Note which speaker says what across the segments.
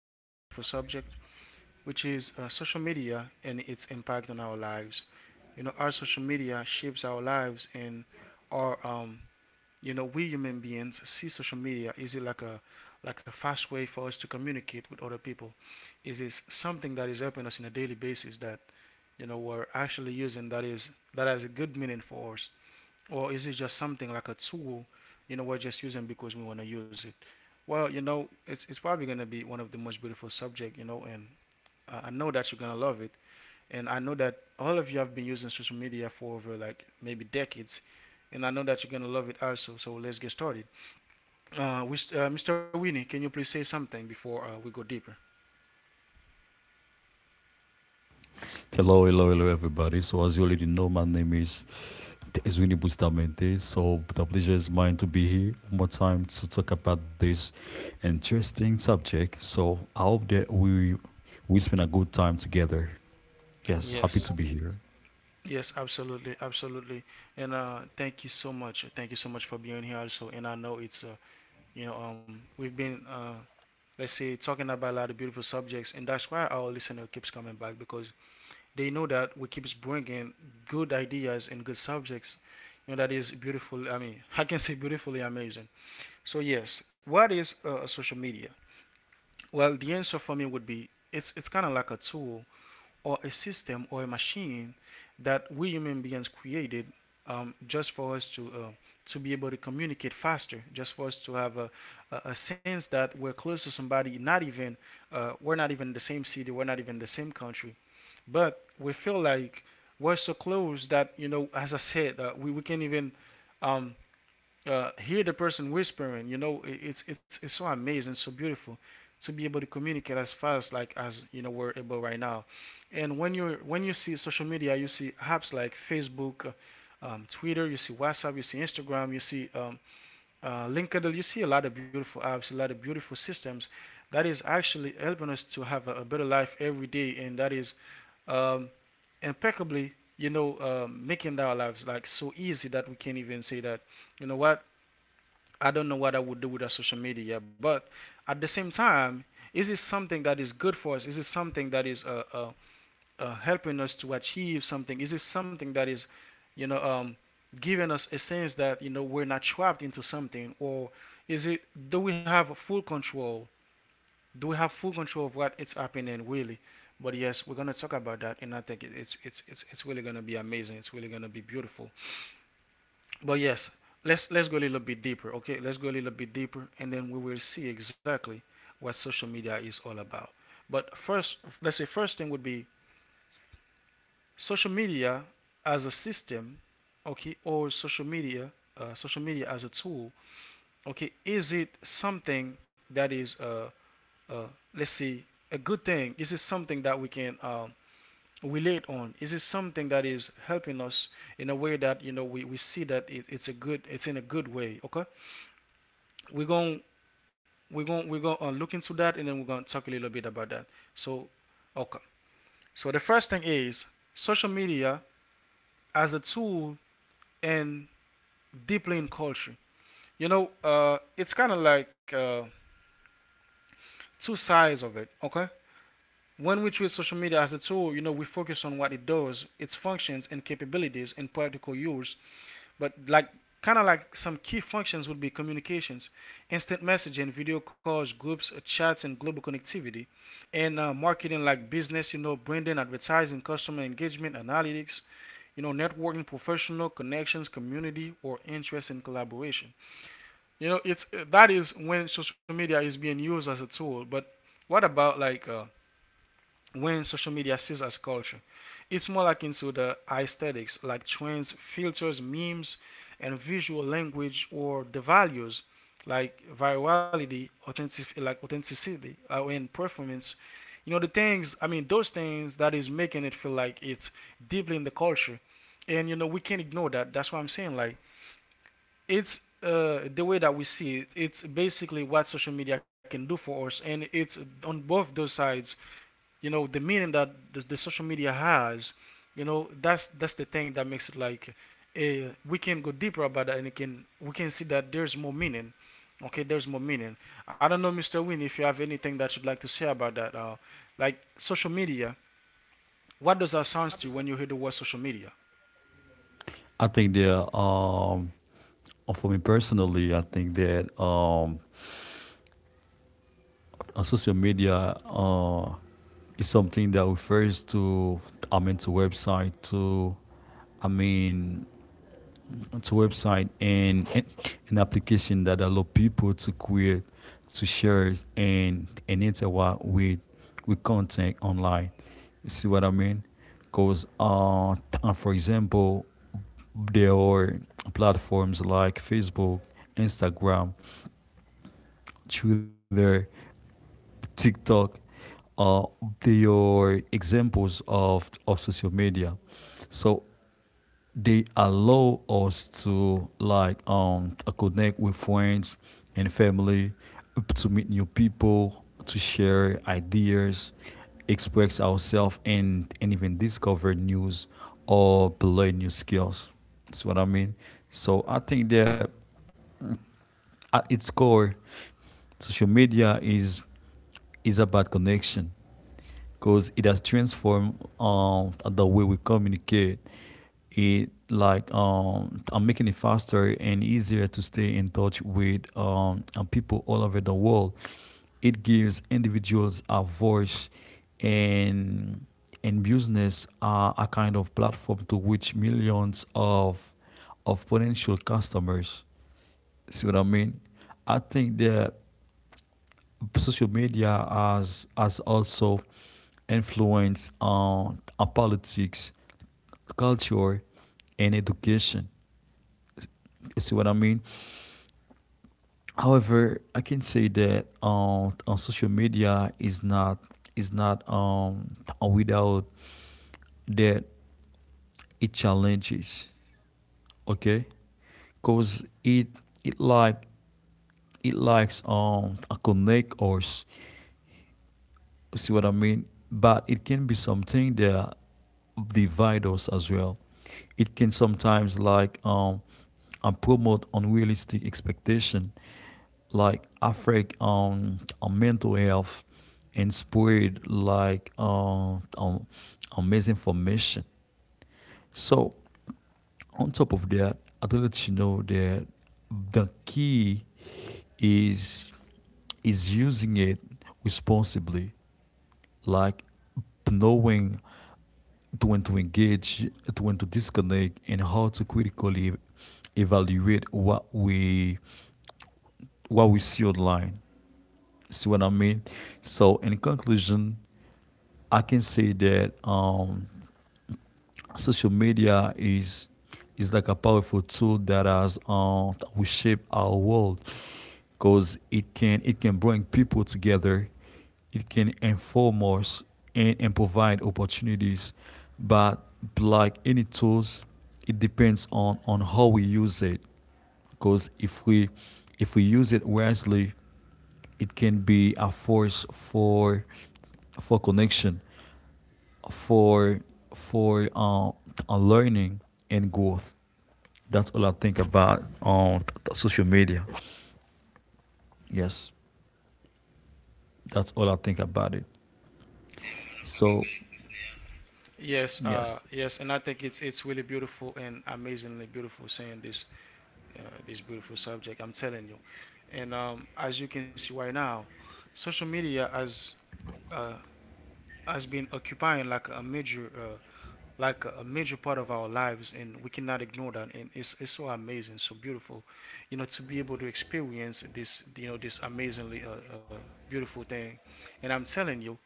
Speaker 1: another beautiful subject, which is social media and its impact on our lives. You know, our social media shapes our lives, and our, um, we human beings see social media. Is it like a fast way for us to communicate with other people? Is it something that is helping us in a daily basis that, we're actually using that has a good meaning for us? Or is it just something like a tool? We're just using because we want to use it. Well, it's probably going to be one of the most beautiful subject, and I know that you're going to love it, and I know that all of you have been using social media for over, like, maybe decades, and I know that you're going to love it also. So let's get started. Mr. Winnie, can you please say something before we go deeper?
Speaker 2: Hello, hello, hello, everybody. So, as you already know, my name is Ezwini Bustamante. So, the pleasure is mine to be here one more time to talk about this interesting subject. So, I hope that we spend a good time together. Yes, happy
Speaker 1: Yes.
Speaker 2: to be here.
Speaker 1: Yes, absolutely, absolutely. And thank you so much, thank you so much for being here also. And I know it's you know we've been let's say, talking about a lot of beautiful subjects, and that's why our listener keeps coming back because they know that we keeps bringing good ideas and good subjects. You know, that is beautiful. I mean, I can say beautifully amazing. So yes, what is social media? Well, the answer for me would be it's kind of like a tool, or a system, or a machine that we human beings created, just for us to be able to communicate faster, just for us to have a sense that we're close to somebody. Not even we're not even in the same city, we're not even in the same country, but we feel like we're so close that, as I said, we can even um, hear the person whispering. You know, it's so amazing, so beautiful to be able to communicate as fast, like, as you know we're able right now. And when you see social media, you see apps like Facebook, Twitter, you see WhatsApp, you see Instagram, you see LinkedIn. You see a lot of beautiful apps, a lot of beautiful systems that is actually helping us to have a better life every day, and that is um, impeccably, making our lives like so easy that we can't even say that, you know what, I don't know what I would do without social media. But at the same time, is it something that is good for us? Is it something that is helping us to achieve something? Is it something that is, you know, um, giving us a sense that, we're not trapped into something, or is it? Do we have full control? Do we have full control of what is happening really? But yes, we're gonna talk about that, and I think it's really gonna be amazing. It's really gonna be beautiful. But yes, let's go a little bit deeper. Okay, let's go a little bit deeper, and then we will see exactly what social media is all about. But first, let's say, first thing would be social media as a system, okay, or social media as a tool. Okay, is it something that is uh let's see, a good thing? Is it something that we can relate on? Is it something that is helping us in a way that, you know, we see that it's a good, it's in a good way? Okay, we're going we're going to look into that, and then we're going to talk a little bit about that. So, okay. So the first thing is social media as a tool and deeply in culture. You know, it's kind of like two sides of it, okay. When we treat social media as a tool, you know, we focus on what it does, its functions and capabilities and practical use. But, like, kind of like, some key functions would be communications, instant messaging, video calls, groups, chats, and global connectivity, and marketing, like business, you know, branding, advertising, customer engagement, analytics, you know, networking, professional connections, community, or interest and collaboration. You know, it's that is when social media is being used as a tool. But what about, like, when social media sees as culture? It's more like into the aesthetics, like trends, filters, memes, and visual language, or the values like virality, authenticity, and performance. You know, the things. I mean, those things that is making it feel like it's deeply in the culture, and, you know, we can't ignore that. That's what I'm saying. Like, it's the way that we see it. It's basically what social media can do for us, and it's on both those sides. You know, the meaning that the social media has, you know, that's the thing that makes it like we can go deeper about that, and we can see that there's more meaning. Okay, there's more meaning. I don't know, Mr. Win, if you have anything that you'd like to say about that, like social media, what does that sound to you when you hear the word social media?
Speaker 2: I think that for me personally, I think that social media is something that refers to I mean to website to I mean to website and an application that allow people to create, to share, and interact with content online. You see what I mean? Because For example, there are platforms like Facebook, Instagram, Twitter, TikTok. Uh, they are examples of social media. So they allow us to connect with friends and family, to meet new people, to share ideas, express ourselves, and even discover news or learn new skills. That's what I mean. So I think that, mm, at its core, social media is about connection, because it has transformed the way we communicate. It like I'm making it faster and easier to stay in touch with and people all over the world. It gives individuals a voice, and business are a kind of platform to which millions of potential customers. See what I mean? I think that social media has also influenced on politics, culture, and education. You see what I mean? However, I can say that on social media is not is not um without that it challenges. Okay, cause it like it likes connect us. You see what I mean? But it can be something that divide us as well. It can sometimes like and promote unrealistic expectation, like affect on mental health and spread like misinformation. So on top of that, I'd like to know that the key is using it responsibly, like knowing to when to engage, to when to disconnect, and how to critically evaluate what we see online. See what I mean? So, in conclusion, I can say that social media is like a powerful tool that has we shape our world, because it can bring people together, it can inform us, and provide opportunities. But like any tools, it depends on how we use it, because if we use it wisely, it can be a force for connection, for for um, learning and growth. That's all I think about on social media. Yes, that's all I think about it. So,
Speaker 1: Yes,
Speaker 2: yes,
Speaker 1: yes, and I think it's really beautiful and amazingly beautiful saying this, this beautiful subject, I'm telling you. And, um, as you can see right now, social media as uh, has been occupying like a major part of our lives, and we cannot ignore that. And it's so amazing, so beautiful, you know, to be able to experience this, you know, this amazingly beautiful thing. And I'm telling you,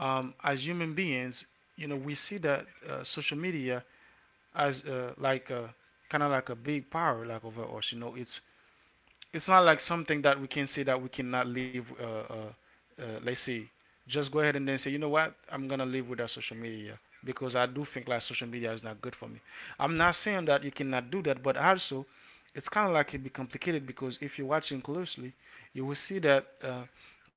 Speaker 1: as human beings, you know, we see that social media as kind of like a big power, like over us, you know. It's not like something that we can say that we cannot live. Let's say, just go ahead and then say, you know what, I'm gonna live without social media because I do think like social media is not good for me. I'm not saying that you cannot do that, but also, it's kind of like it be complicated because if you're watching closely, you will see that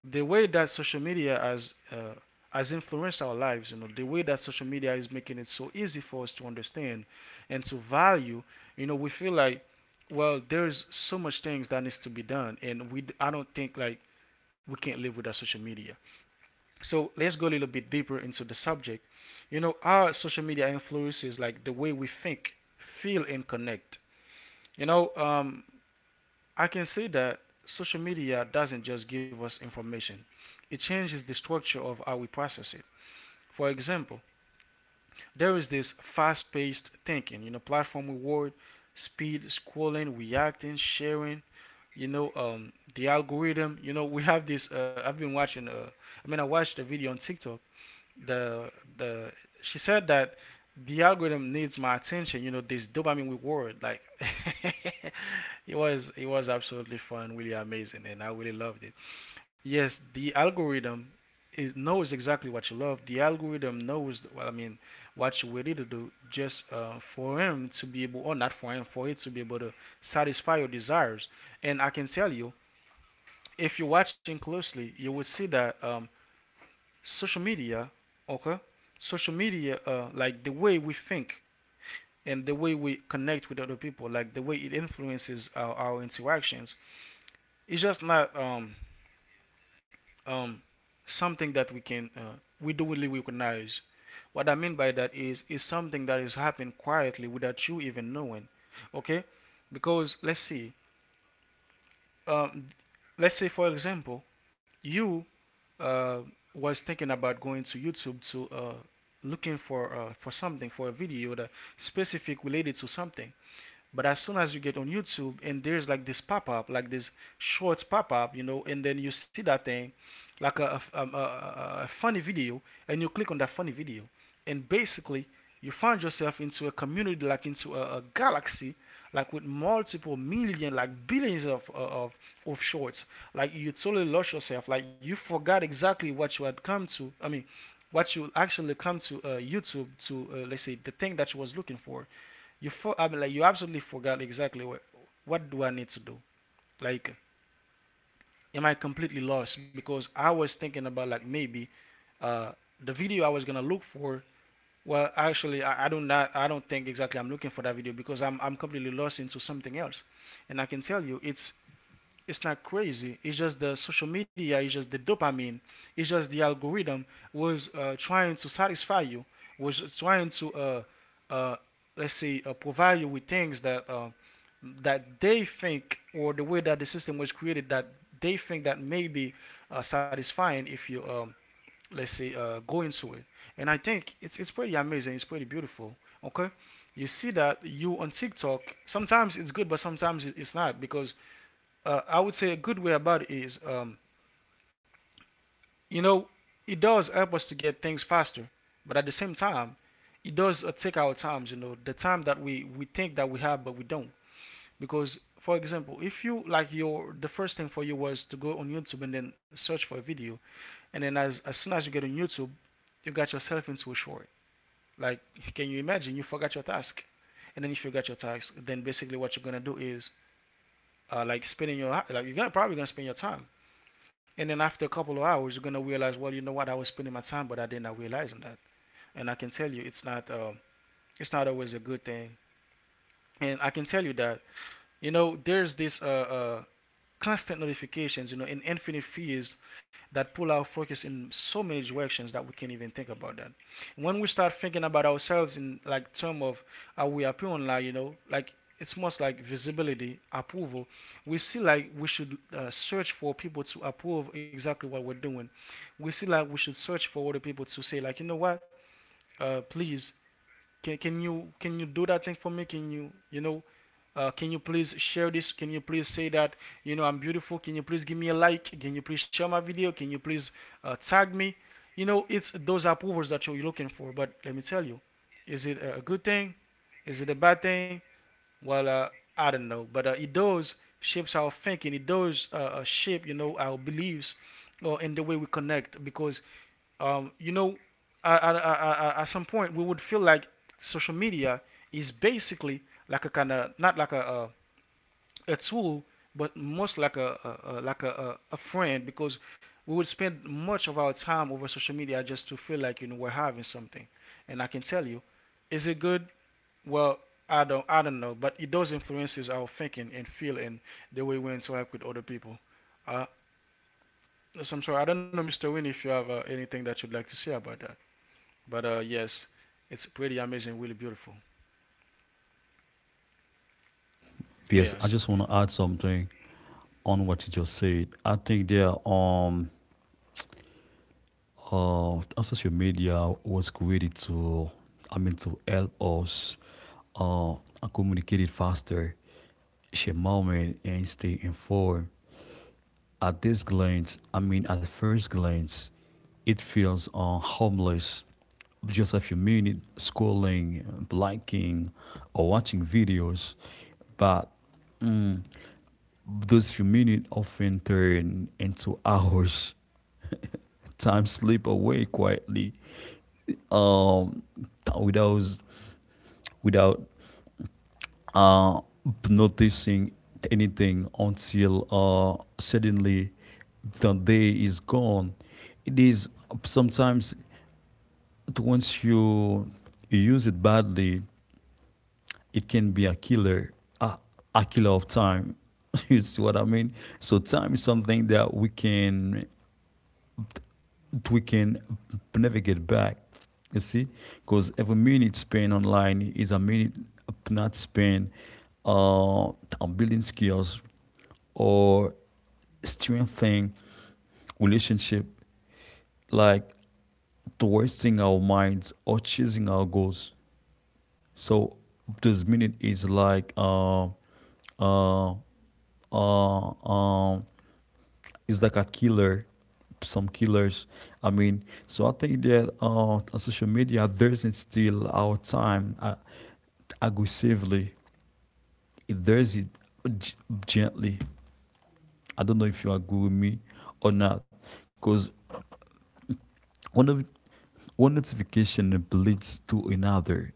Speaker 1: the way that social media has influenced our lives. You know, the way that social media is making it so easy for us to understand and to value, you know, we feel like, well, there's so much things that needs to be done, and we I don't think like we can't live without social media. So let's go a little bit deeper into the subject. You know, our social media influences like the way we think, feel, and connect. You know, I can say that social media doesn't just give us information, it changes the structure of how we process it. For example, there is this fast-paced thinking, you know, platform reward, speed, scrolling, reacting, sharing, you know, the algorithm. You know, we have this, I've been watching, I mean, I watched a video on TikTok. The the She said that the algorithm needs my attention. You know, this dopamine reward, like, it was, absolutely fun, really amazing, and I really loved it. Yes, the algorithm is knows exactly what you love. The algorithm knows, well, I mean, what you ready to do just for him to be able, or not for him, for it to be able to satisfy your desires. And I can tell you, if you're watching closely, you will see that, social media, okay, social media, like the way we think and the way we connect with other people, like the way it influences our interactions, it's just not um, something that we can readily recognize. What I mean by that is something that is happening quietly without you even knowing, okay? Because let's see, um, let's say, for example, you, uh, was thinking about going to YouTube to looking for something, for a video that specific related to something. But as soon as you get on YouTube, and there's like this pop up, like this shorts pop up, you know, and then you see that thing, like a funny video, and you click on that funny video, and basically you find yourself into a community, like into a galaxy, like with multiple million, like billions of of shorts. Like you totally lost yourself. Like you forgot exactly what you had come to. What you actually come to YouTube to let's say the thing that you was looking for. You for I mean like you absolutely forgot exactly what do I need to do? Like am I completely lost? Because I was thinking about like maybe uh the video I was gonna look for. Well actually, I don't think exactly I'm looking for that video because I'm completely lost into something else. And I can tell you it's not crazy. It's just the social media. It's just the dopamine. It's just the algorithm was trying to satisfy you. Was trying to uh, let's say provide you with things that that they think, or the way that the system was created, that they think that may be satisfying if you let's say go into it. And I think it's pretty amazing. It's pretty beautiful. Okay, you see that you on TikTok sometimes it's good, but sometimes it's not because I would say a good way about it is, you know, it does help us to get things faster, but at the same time, it does take our times. You know, the time that we think that we have, but we don't. Because, for example, if you like your the first thing for you was to go on YouTube and then search for a video, and then as soon as you get on YouTube, you got yourself into a short. Like, can you imagine? You forgot your task, and then if you got your task, then basically what you're gonna do is like spending your like you're gonna, probably gonna spend your time. And then after a couple of hours, you're gonna realize, well, you know what? I was spending my time, but I did not realize that. And I can tell you, it's not always a good thing. And I can tell you that you know there's this uh, constant notifications, you know, and infinite fears that pull our focus in so many directions that we can't even think about that. When we start thinking about ourselves in like term of how we appear online, you know, like it's much like visibility, approval. We see like we should search for people to approve exactly what we're doing. We see like we should search for other people to say like, you know what, please can you do that thing for me? Can you, you know? Can you please share this? Can you please say that you know I'm beautiful? Can you please give me a like? Can you please share my video? Can you please tag me? You know, it's those approvals that you're looking for. But let me tell you, is it a good thing? Is it a bad thing? Well, I don't know. But it does shapes our thinking. It does shape, you know, our beliefs or in the way we connect because you know, at some point we would feel like social media is basically like a kind of not like a tool, but most like a friend because we would spend much of our time over social media just to feel like you know we're having something. And I can tell you, is it good? Well, I don't know, but it does influences our thinking and feel and the way we interact with other people. Uh, so I'm sorry, I don't know, Mr. Win, if you have anything that you'd like to say about that. But yes, it's pretty amazing, really beautiful.
Speaker 2: yes. I
Speaker 1: Yes,
Speaker 2: just want to add something on what you just said. I think there social media was created to, I mean, to help us uh communicate it faster, share moment and stay informed. At this glance, I mean, at first glance, it feels homeless. Just a few minutes scrolling, liking, or watching videos, but, mm, those few minutes often turn into hours. Time slip away quietly, um, without without uh, noticing anything until suddenly the day is gone. It is sometimes once you use it badly, it can be a killer, a, a killer of time. You see what I mean? So time is something that we can we can never get back. You see, because every minute spent online is a minute not spent uh, on building skills or strengthening relationship, like wasting our minds or chasing our goals. So this minute is like uh, uh, um, it's like a killer, some killers. I mean, so I think that on social media, there isn't still our time aggressively. There is it g- gently. I don't know if you agree with me or not, because one of one notification leads to another.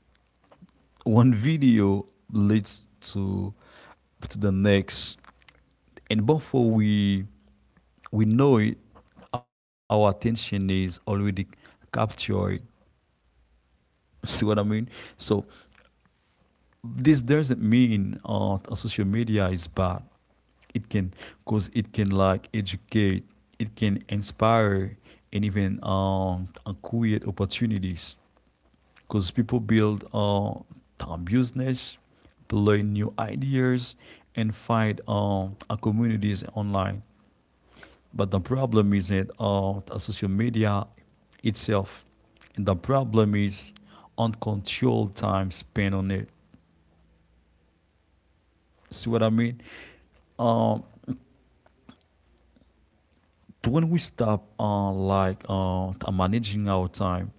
Speaker 2: One video leads to the next. And before we know it, our attention is already captured. See what I mean? So this doesn't mean social media is bad. It can, cause it can like educate, it can inspire, and even create opportunities. Cause people build time business, to learn new ideas, and find communities online. But the problem is that the social media itself, and the problem is uncontrolled time spent on it. See what I mean? When we stop managing our time,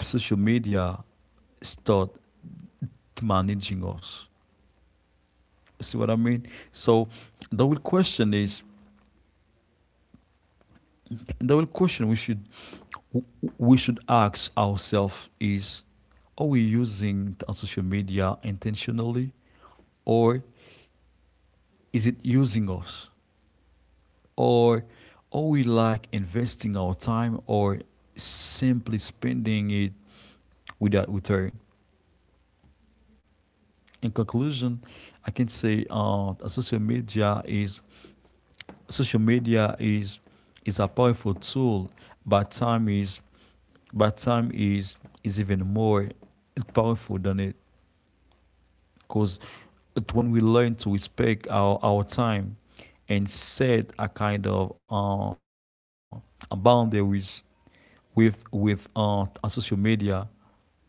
Speaker 2: social media start managing us. See what I mean? So the real question is, the real question we should ask ourselves is, are we using social media intentionally, or is it using us? Or are we like investing our time, or simply spending it without return? In conclusion, I can say social media is, social media is is a powerful tool, but time is, but time is is even more powerful than it, because when we learn to respect our time and set a kind of a boundaries with our social media,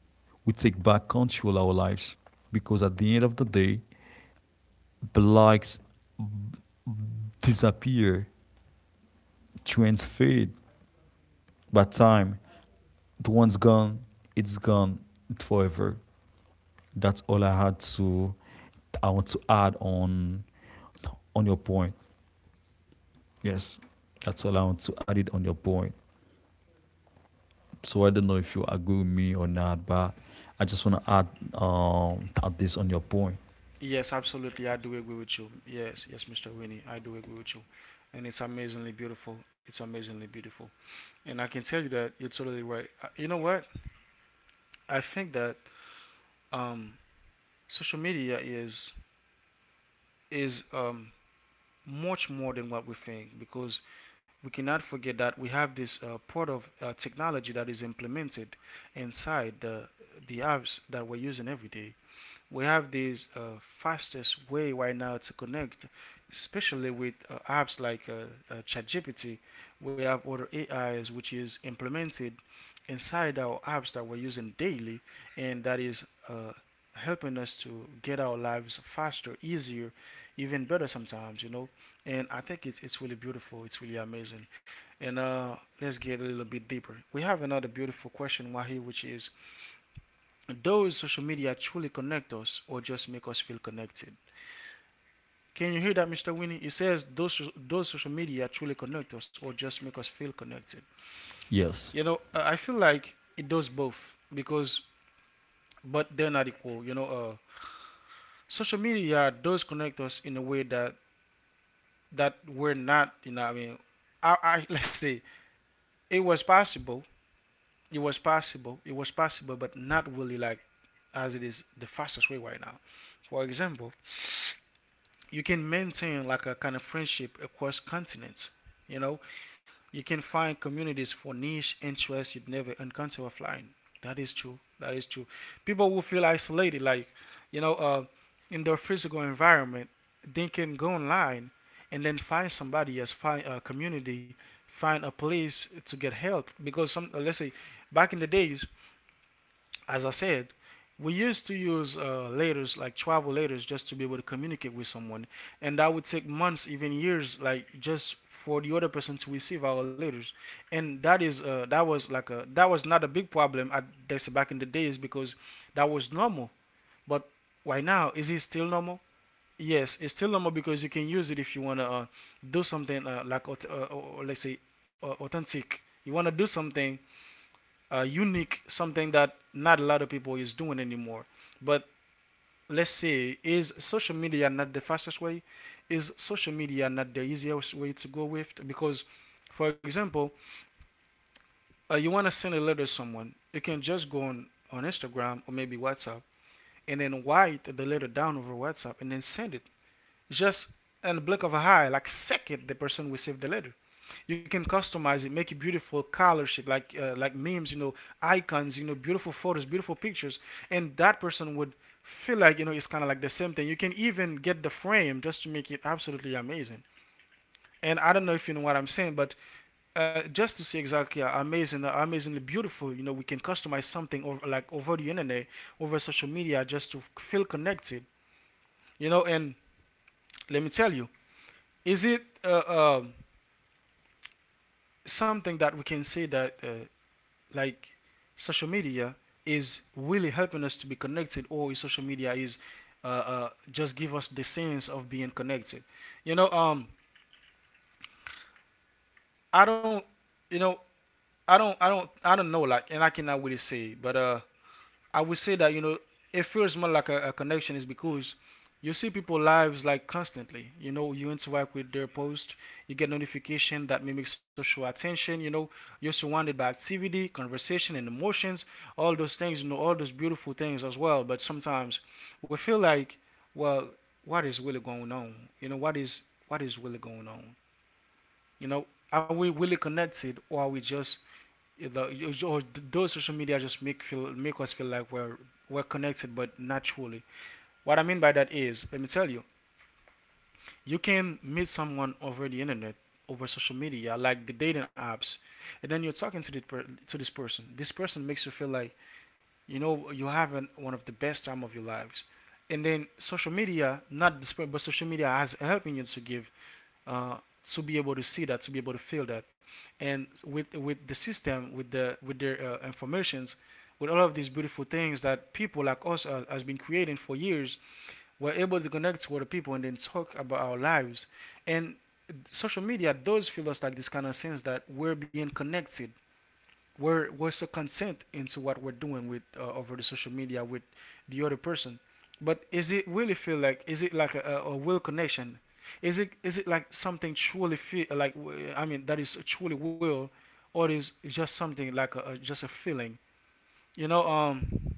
Speaker 2: we take back control of our lives, because at the end of the day, likes disappear, trends fade, but time, the one's gone, it's gone forever. That's all I had to I want to add on your point. Yes. That's all I want to add it on your point. So I don't know if you agree with me or not, but I just want to add this on your point.
Speaker 1: yes, absolutely. I do agree with you. Yes, yes, Mr. Winnie, I do agree with you. And it's amazingly beautiful. It's amazingly beautiful. And I can tell you that you're totally right. You know what? I think that um, social media is is um, much more than what we think because we cannot forget that we have this part of technology that is implemented inside the apps that we're using every day. We have this fastest way right now to connect, especially with apps like ChatGPT. We have other AIs which is implemented inside our apps that we're using daily, and that is helping us to get our lives faster, easier, even better sometimes, you know. And I think it's really beautiful. It's really amazing. And let's get a little bit deeper. We have another beautiful question, Wahi, which is those social media truly connect us or just make us feel connected? Can you hear that, Mr. Winnie? It says, those social media truly connect us or just make us feel connected?
Speaker 2: Yes.
Speaker 1: You know, I feel like it does both, because but they're not equal. You know, social media does connect us in a way that that we're not. You know, I mean, I let's say it was possible, it was possible, it was possible, but not really like as it is the fastest way right now. For example, you can maintain like a kind of friendship across continents. You know, you can find communities for niche interests you'd never encounter offline. That is true. That is true. People who feel isolated, like you know, in their physical environment, they can go online and then find somebody as find a community, find a place to get help. Because some, let's say, back in the days, as I said, we used to use letters like travel letters just to be able to communicate with someone, and that would take months, even years, like just for the other person to receive our letters. And that is that was like a that was not a big problem at this back in the days because that was normal. But right now, is it still normal? Yes, it's still normal because you can use it if you wanna do something or let's say authentic. You wanna do something unique, something that not a lot of people is doing anymore. But let's say, is social media not the fastest way? Is social media not the easiest way to go with? Because, for example, you want to send a letter to someone, you can just go on Instagram or maybe WhatsApp and then write the letter down over WhatsApp and then send it. Just in the blink of an eye, like second, the person will save the letter. You can customize it, make it beautiful color shit like memes, you know, icons, you know, beautiful photos, beautiful pictures, and that person would feel like you know it's kind of like the same thing. You can even get the frame just to make it absolutely amazing, and I don't know if you know what I'm saying, but just to see exactly how amazing, how amazingly beautiful, you know, we can customize something over like over the internet, over social media, just to feel connected, you know. And let me tell you, is it um something that we can say that like social media is really helping us to be connected, or is social media is just give us the sense of being connected, you know? Um I don't you know I don't I don't I don't know like, and I cannot really say, but I would say that you know it feels more like a connection is because you see people lives like constantly, you know, you interact with their post, you get notification that mimic social attention, you know, you're surrounded by activity, conversation and emotions, all those things, you know, all those beautiful things as well. But sometimes we feel like, well, what is really going on? You know, what is really going on? You know, are we really connected or are we just you, or those social media just make us feel like we're connected but naturally. What I mean by that is, let me tell you, you can meet someone over the internet, over social media, like the dating apps, and then you're talking to the to this person. This person makes you feel like you know you having one of the best time of your lives, and then social media not this, but social media has helping you to give uh, to be able to see that, to be able to feel that, and with the system, with the with their informations, with all of these beautiful things that people like us has been creating for years, we're able to Connect to other people and then talk about our lives. And social media does feel us like this kind of sense that we're being connected. We're so consent into what we're doing with over the social media with the other person. But is it really feel like, is it like a real connection? Is it like something truly feel like, I mean, that is truly real, or is just something like a just a feeling, you know um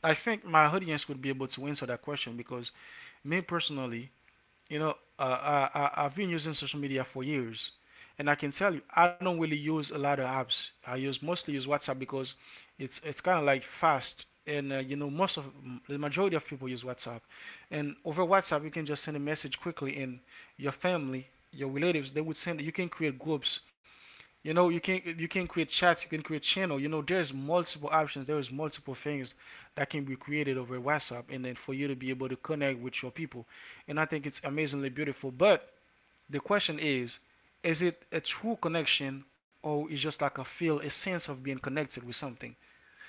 Speaker 1: I think my audience would be able to answer that question. Because me personally, you know, I've been using social media for years, and I can tell you, I don't really use a lot of apps. I use mostly use WhatsApp because it's kind of like fast, and you know, most of the majority of people use WhatsApp, and over WhatsApp you can just send a message quickly, and your family, your relatives, they would send. You can create groups, you know, you can create chats, you can create channel. You know, there's multiple options, there is multiple things that can be created over WhatsApp, and then for you to be able to connect with your people. And I think it's amazingly beautiful. But the question is it a true connection or is just like a feel, a sense of being connected with something?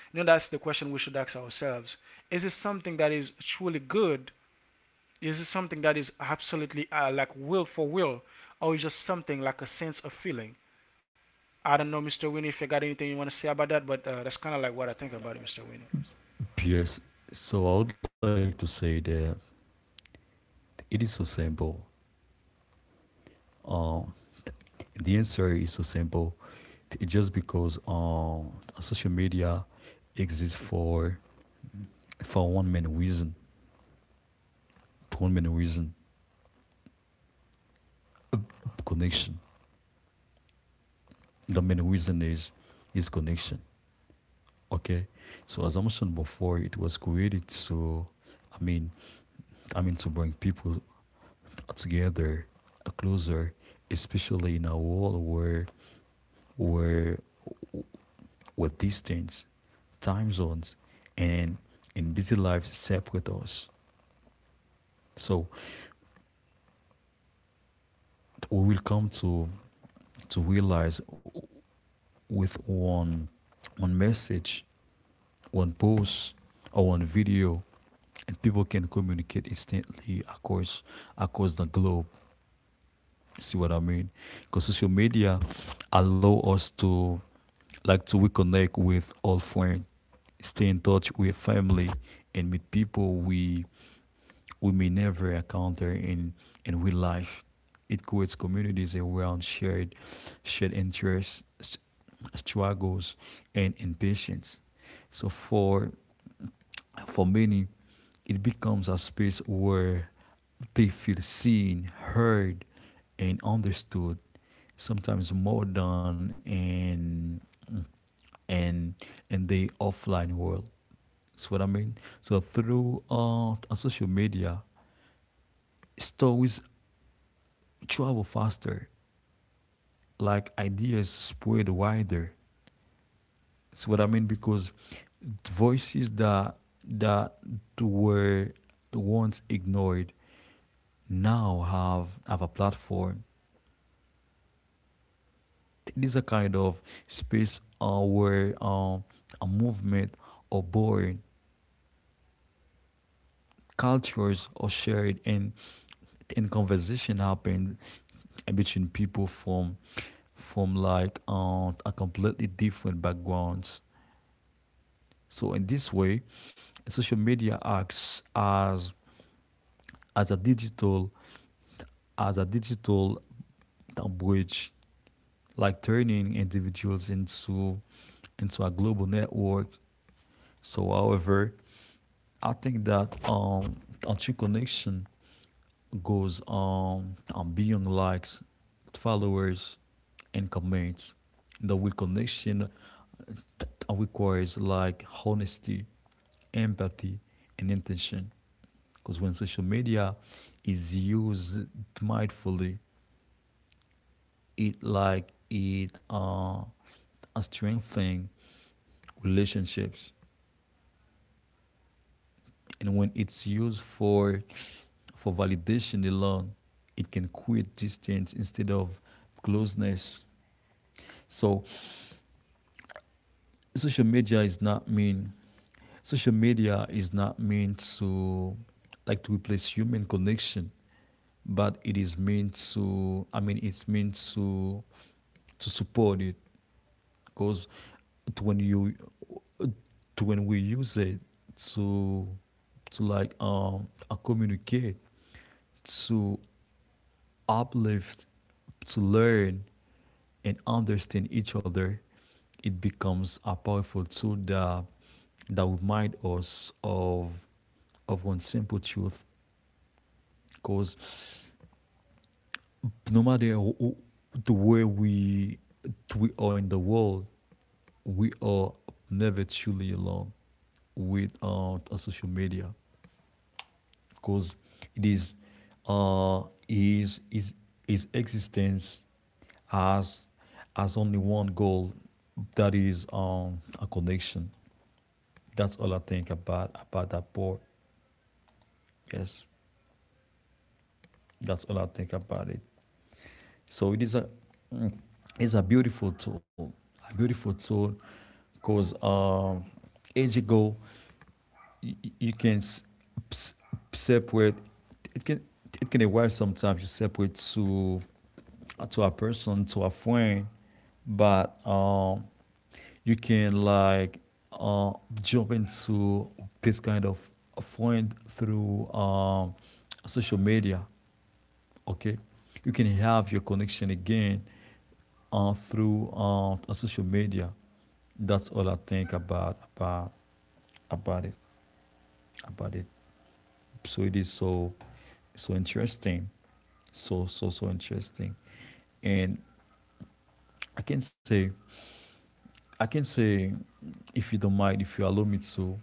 Speaker 1: You know, that's the question we should ask ourselves. Is it something that is truly good? Is it something that is absolutely like will for will, or is just something like a sense of feeling? I don't know, Mr. Winnie, if you got anything you want to say about that, but that's kind of like what I think about it, Mr. Winnie.
Speaker 2: Yes. So I would like to say that it is so simple. Uh, the answer is so simple. It just because social media exists for, one main reason, one main reason, uh, connection. The main reason is connection. Okay, so as I mentioned before, it was created to, I mean, I mean, to bring people together, closer, especially in a world where with distance, time zones, and in busy life step with us. So we will come to realize with one, message, one post, or one video, and people can communicate instantly across the globe. See what I mean? Because social media allow us to like to reconnect with old friends, stay in touch with family, and meet people we may never encounter in real life. It creates communities around shared interests, struggles, and impatience. So for, many, it becomes a space where they feel seen, heard, and understood, sometimes more than in and in the offline world. That's what I mean. So through on social media, stories travel faster, like ideas spread wider. That's what I mean, because voices that were once ignored now have a platform. It is a kind of space where a movement or board cultures are shared, and conversation happen between people from a completely different backgrounds. So in this way, social media acts as a digital, as a digital bridge, like turning individuals into a global network. So, however, I think that our true connection goes on beyond likes, followers, and comments. The real connection requires like honesty, empathy, and intention. Because when social media is used mindfully, it a strengthening relationships, and when it's used for validation alone, it can create distance instead of closeness. So social media is not mean, social media is not meant to like to replace human connection, but it is meant to, I mean, it's meant to support it. Because when you when we use it to communicate, to uplift, to learn, and understand each other, it becomes a powerful tool that remind us of one simple truth, because no matter who- the way we are in the world, we are never truly alone with our social media, because it is uh, is is his existence has, has only one goal, that is a connection. That's all I think about that board. Yes, that's all I think about it. So it is a, mm, it's a beautiful tool, a beautiful tool, because age ago you can s- separate, it can it can be why sometimes you separate to a person, to a friend, but you can like uh jump into this kind of friend through social media. Okay, you can have your connection again through social media. That's all I think about it about it. So it is so, interesting, so interesting, and I can say, I can say if you don't mind, if you allow me to,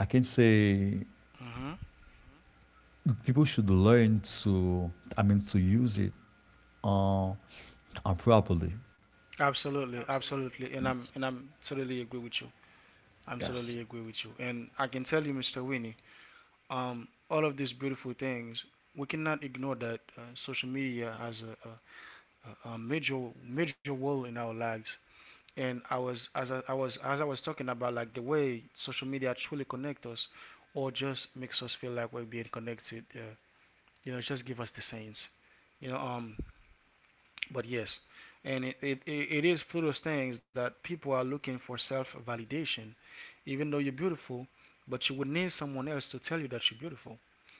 Speaker 2: I can say
Speaker 1: Hmm.
Speaker 2: people should learn to, I mean, to use it uh, properly.
Speaker 1: Absolutely, absolutely, and I'm
Speaker 2: Yes.
Speaker 1: and I'm totally agree with you. I'm
Speaker 2: Yes.
Speaker 1: totally agree with you, and I can tell you, Mr. Winnie, all of these beautiful things, we cannot ignore that social media has a major role in our lives. And I was as I was as I was talking about, like the way social media truly connects us, or just makes us feel like we're being connected, you know, just give us the saints, you know um but yes. And it is through those things that people are looking for self-validation. Even though you're beautiful, but you would need someone else to tell you that you're beautiful.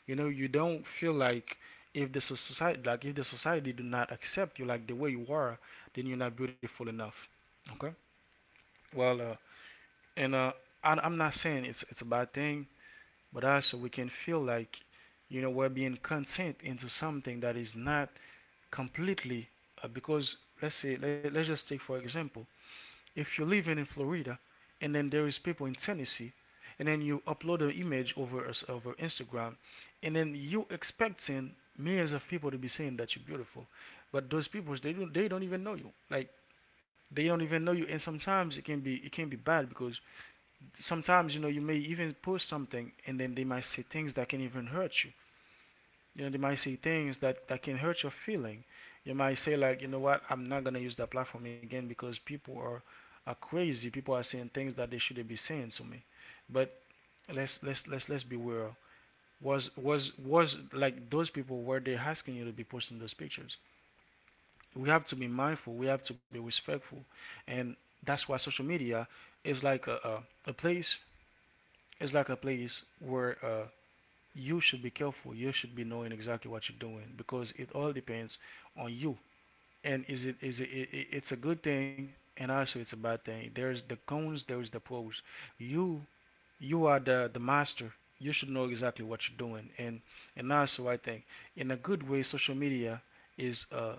Speaker 1: You know, you don't feel like, if the society, like if the society do not accept you like the way you are, then you're not beautiful enough. Okay, well and I'm not saying it's a bad thing, but also we can feel like, you know, we're being content into something that is not completely. Because let's say, let's just take for example, if you're living in Florida, and then there is people in Tennessee, and then you upload an image over over Instagram, and then you expecting millions of people to be saying that you're beautiful. But those people, they don't even know you, like they don't even know you. And sometimes it can be, it can be bad, because sometimes, you know, you may even post something and then they might say things that can even hurt you. You know, they might say things that can hurt your feeling. You might say like, you know what, I'm not going to use that platform again because people are crazy, people are saying things that they shouldn't be saying to me. But let's beware, was like, those people, were they asking you to be posting those pictures? We have to be mindful, we have to be respectful. And that's why social media is like a place. It's like a place where you should be careful. You should be knowing exactly what you're doing, because it all depends on you. And is it, is it, it's a good thing, and also it's a bad thing. There's the cons, there's the pros. You you are the master. You should know exactly what you're doing. And also I think, in a good way, social media is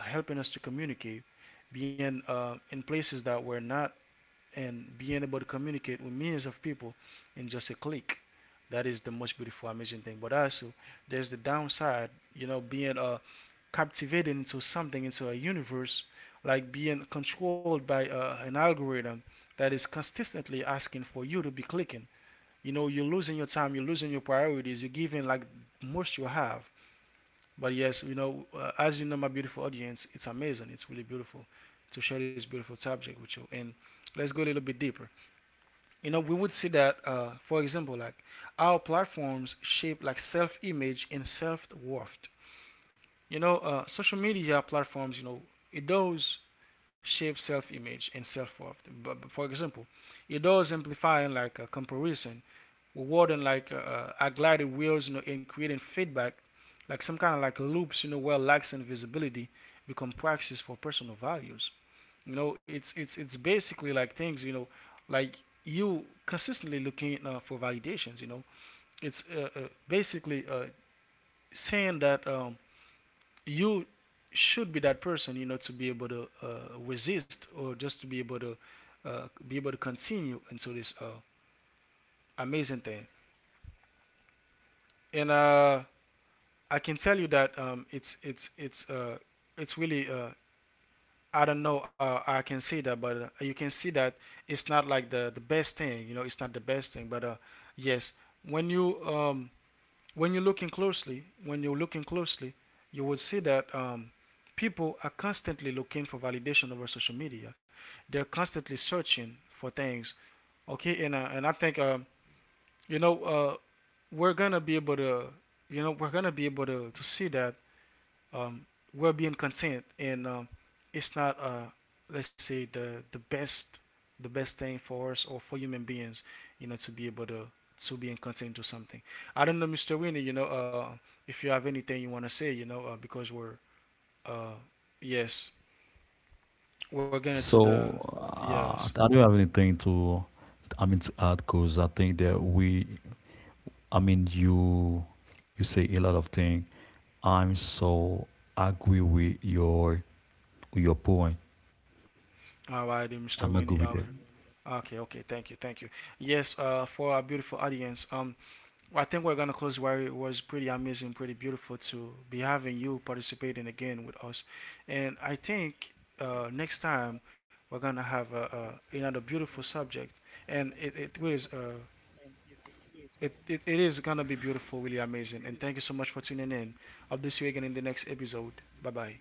Speaker 1: helping us to communicate, being in places that we're not, and being able to communicate with millions of people in just a click. That is the most beautiful, amazing thing. But also, there's the downside, you know, being captivated into something, into a universe, like being controlled by an algorithm that is consistently asking for you to be clicking. You know, you're losing your time, you're losing your priorities, you're giving like most you have. But yes, you know, as you know, my beautiful audience, it's amazing. It's really beautiful to share this beautiful subject with you. And let's go a little bit deeper. You know, we would see that for example, like our platforms shape like self-image and self-worth. You know, social media platforms, you know, it does shape self-image and self-worth, but for example, it does amplify like a comparison, rewarding like glided wheels, you know, and creating feedback like some kind of like loops, you know, where likes and visibility become proxies for personal values. You know, it's basically like things. You know, like you consistently looking for validations. You know, it's basically saying that you should be that person. You know, to be able to resist or just to be able to be able to continue into this amazing thing. And I can tell you that it's really I don't know. I can see that, but you can see that it's not like the best thing. You know, it's not the best thing. But yes, when you when you're looking closely, when you're looking closely, you will see that people are constantly looking for validation over social media. They're constantly searching for things. Okay, and I think you know uh, we're gonna be able to, you know, we're gonna be able to see that um, well, being content, and it's not let's say the best, the best thing for us or for human beings, you know, to be able to be in content to something. I don't know, Mr. Winnie, you know, if you have anything you want to say, you know, because we're uh, yes, we're getting to the.
Speaker 2: So
Speaker 1: Yes.
Speaker 2: I don't have anything to, I mean, to add, because I think that we I mean you say a lot of things. I'm so agree with your point.
Speaker 1: All right, Mr.
Speaker 2: I'm agree
Speaker 1: Winnie.
Speaker 2: with that.
Speaker 1: Okay, okay, thank you, thank you. Yes, for our beautiful audience, well, I think we're going to close where it was pretty amazing, pretty beautiful to be having you participating again with us. And I think next time we're going to have a another beautiful subject. And it really is. It is gonna be beautiful, really amazing. And thank you so much for tuning in. I'll see you again in the next episode. Bye bye.